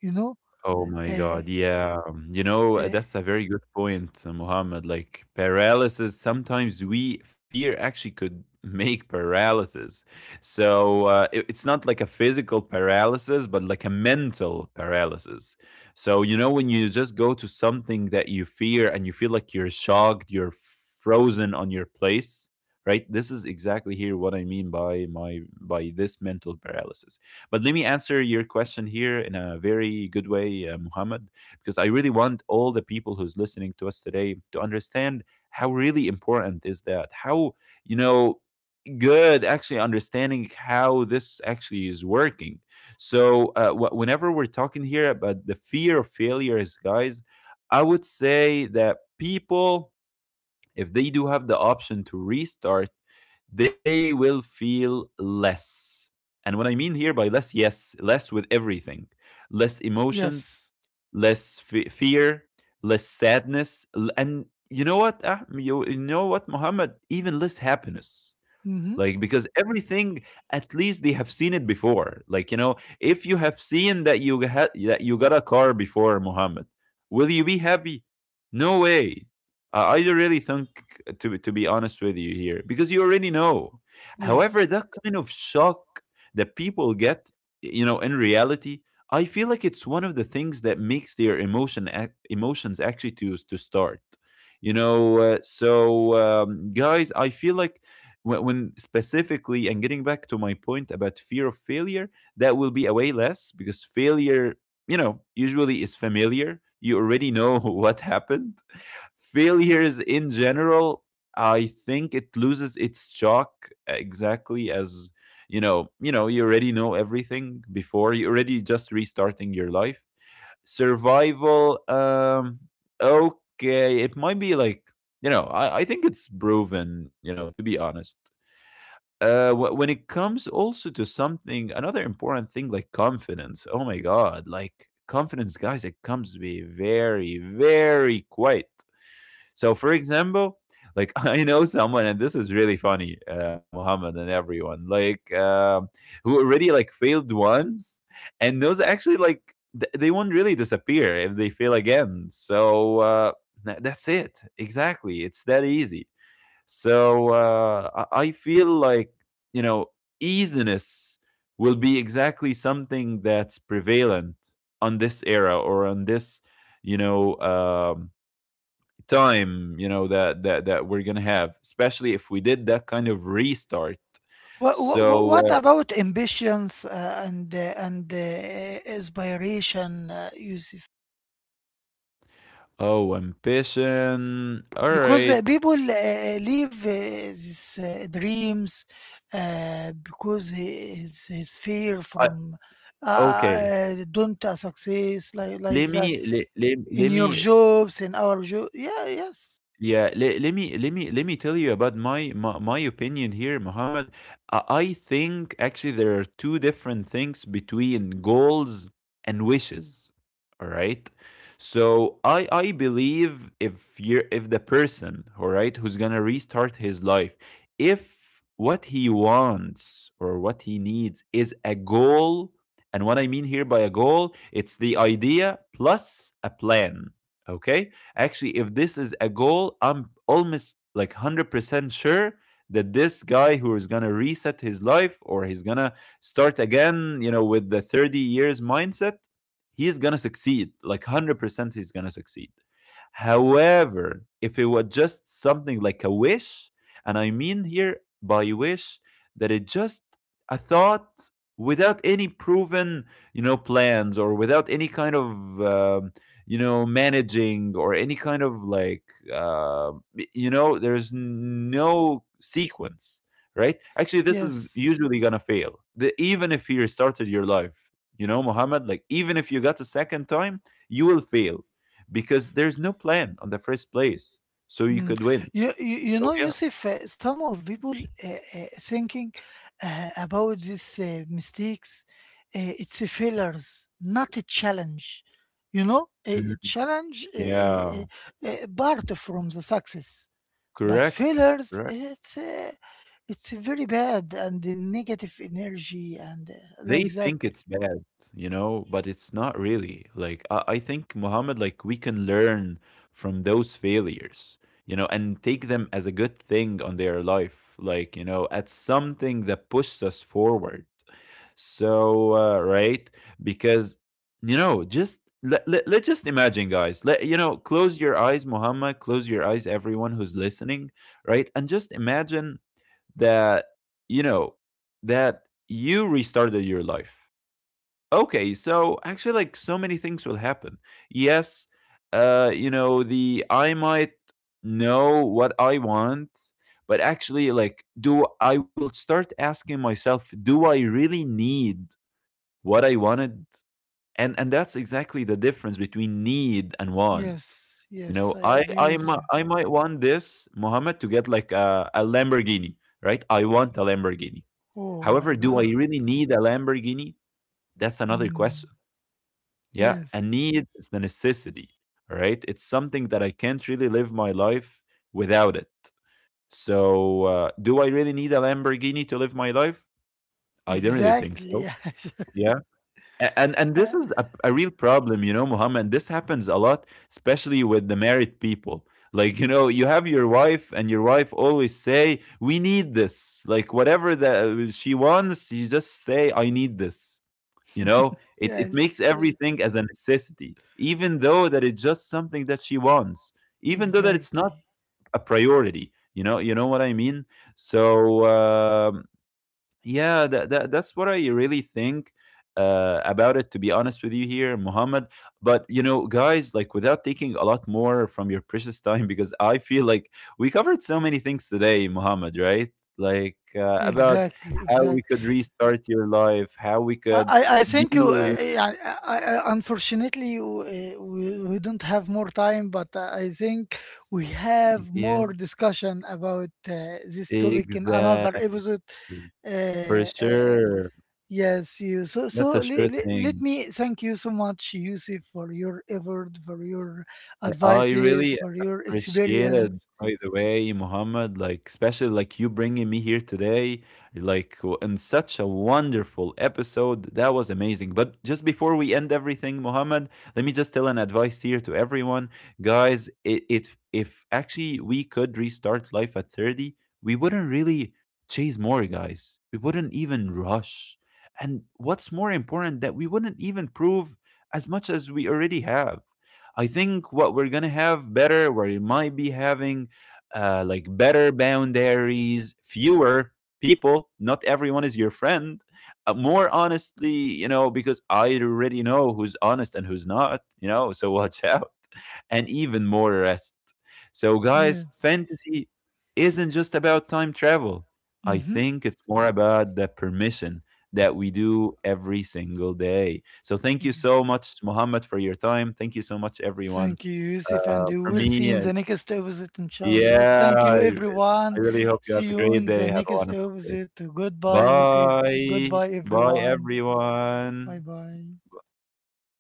you know? oh my Uh, god, yeah. You know, uh, that's a very good point, Mohammed. Like paralysis, sometimes we fear actually could [LAUGHS] make paralysis. So it's not like a physical paralysis, but like a mental paralysis. So, you know, when you just go to something that you fear and you feel like you're shocked, you're frozen on your place, right? This is exactly here what I mean by my by this mental paralysis. But let me answer your question here in a very good way, Muhammad, because I really want all the people who's listening to us today to understand how really important is that. How, you know, good actually understanding how this actually is working. So whenever we're talking here about the fear of failures, guys, I would say that people, if they do have the option to restart, they will feel less. And what I mean here by less, yes, less with everything, less emotions, yes. Fear, less sadness, and you know what, ah, you know what, Muhammad, even less happiness. Hmm. Like because everything, at least they have seen it before. Like, you know, if you have seen that you had that you got a car before, Muhammad, will you be happy? No way. I don't really think, to be honest with you here, because you already know. However, Yes. that kind of shock that people get, you know, in reality, I feel like it's one of the things that makes their emotions actually to start. You know, guys, I feel like when specifically, and getting back to my point about fear of failure, that will be a way less, because failure, you know, usually is familiar. You already know [LAUGHS] what happened. Failures in general, I think it loses its chalk, exactly as, you know, you already know everything before. You already just restarting your life. Survival, okay, it might be like, you know, I think it's proven, you know, to be honest, when it comes also to something, another important thing, like confidence. Oh my god, like confidence, guys, it comes to be very, very quiet. So, for example, like [LAUGHS] I know someone, and this is really funny, Muhammad and everyone, like who already like failed once, and those actually like they won't really disappear if they fail again. So that's it. Exactly, it's that easy. So I feel like, you know, easiness will be exactly something that's prevalent on this era or on this, you know, time, you know, that we're gonna have, especially if we did that kind of restart. So What about ambitions and inspiration, Yusuf? oh, ambition, all Because right. People leave these dreams because his fear I, from okay, don't success like that in let your me. jobs in our job. Yeah, yes, Yeah, let me tell you about my opinion here, Muhammad. I think actually there are two different things between goals and wishes. All right. So I believe, if you're, if the person, all right, who's gonna restart his life, if what he wants or what he needs is a goal, and what I mean here by a goal, it's the idea plus a plan. Okay. Actually, if this is a goal, I'm almost like 100% sure that this guy who is going to reset his life, or he's going to start again, you know, with the 30 years mindset, he's going to succeed. Like 100% he's going to succeed. However, if it was just something like a wish, and I mean here by wish that it just a thought without any proven, you know, plans, or without any kind of you know, managing, or any kind of like uh, you know, there's no sequence, right? Actually, this is yes. usually gonna fail, even if you restarted your life. You know Muhammad, like even if you got a second time, you will fail, because there's no plan on the first place. So you could Mm. win. You So know, yeah. Yusuf, some of people uh, thinking about these mistakes, it's a failures, not a challenge. You know, a Mhm. challenge Yeah, part from the success, but correct failures, Correct. It's very bad and the negative energy and They like think that. it's bad, but it's not really. Like I think Muhammad, like we can learn from those failures, and take them as a good thing on their life. Like, as something that pushes us forward. So right, because just let's just imagine, guys. Let, close your eyes, Muhammad. Close your eyes, everyone who's listening, right? And just imagine that, you know that you restarted your life. Okay, so actually, like, so many things will happen. Yes. The I might know what I want. But actually, like, do I will start asking myself, do I really need what I wanted? And that's exactly the difference between need and want. Yes, you yes, know I i agree i with might you. i might want this Mohammed to get like a lamborghini, right? I want a lamborghini. Oh my However, do I God. [LAUGHS] really need a Lamborghini? That's another Mm, question. Yeah, a yes, need is the necessity, all right? It's something that I can't really live my life without it. So, do I really need a Lamborghini to live my life? I don't really think exactly. so. Yeah. And this is [LAUGHS] a real problem, you know, Muhammad. This happens a lot, especially with the married people. Like, you know, you have your wife and your wife always say, "We need this." Like whatever that she wants, you just say, "I need this." You know, it makes Yes, yes, everything as a necessity, even though that it's just something that she wants, even though that it's not exactly, a priority. You know what I mean. So yeah, that's what I really think about it. To be honest with you, here, Muhammad. But you know, guys, like without taking a lot more from your precious time, [LAUGHS] because I feel like we covered so many things today, Muhammad. Right? Like about exactly, how we exactly. could restart your life, how we I, could I I think you, deal. yeah, unfortunately you, we don't have more time, but I think we have Yeah, more discussion about this topic in another exactly. episode. For Uh, uh, sure. yes, you. So That's so a sure le- le- let thing. me thank you so much, Yusuf, for your effort, for your I advices, really for your experience. appreciated, by the way, Muhammad, like especially like you bringing me here today, like in such a wonderful episode. That was amazing. But just before we end everything, Muhammad, let me just tell an advice here to everyone, guys. It If actually we could restart life at 30, we wouldn't really chase more guys. We wouldn't even rush. And what's more important, that we wouldn't even prove as much as we already have. I think what we're gonna have better, where you might be having like better boundaries, fewer people. Not everyone is your friend. More honestly, you know, because I already know who's honest and who's not. You know, so watch out. [LAUGHS] And even more rest. So, guys, Yes. fantasy isn't just about time travel. I Mm-hmm. think it's more about the permission that we do every single day. So thank you so much, Mohammed, for your time. Thank you so much, everyone. Thank you, Yusuf, and we For will see me, in the next episode, inshallah. yeah, Thank I, you, I everyone. really hope you have See a you great in day. the Have a next wonderful day. episode. Goodbye, Yusuf. Bye. Goodbye, Bye, everyone. Bye everyone. bye. Bye.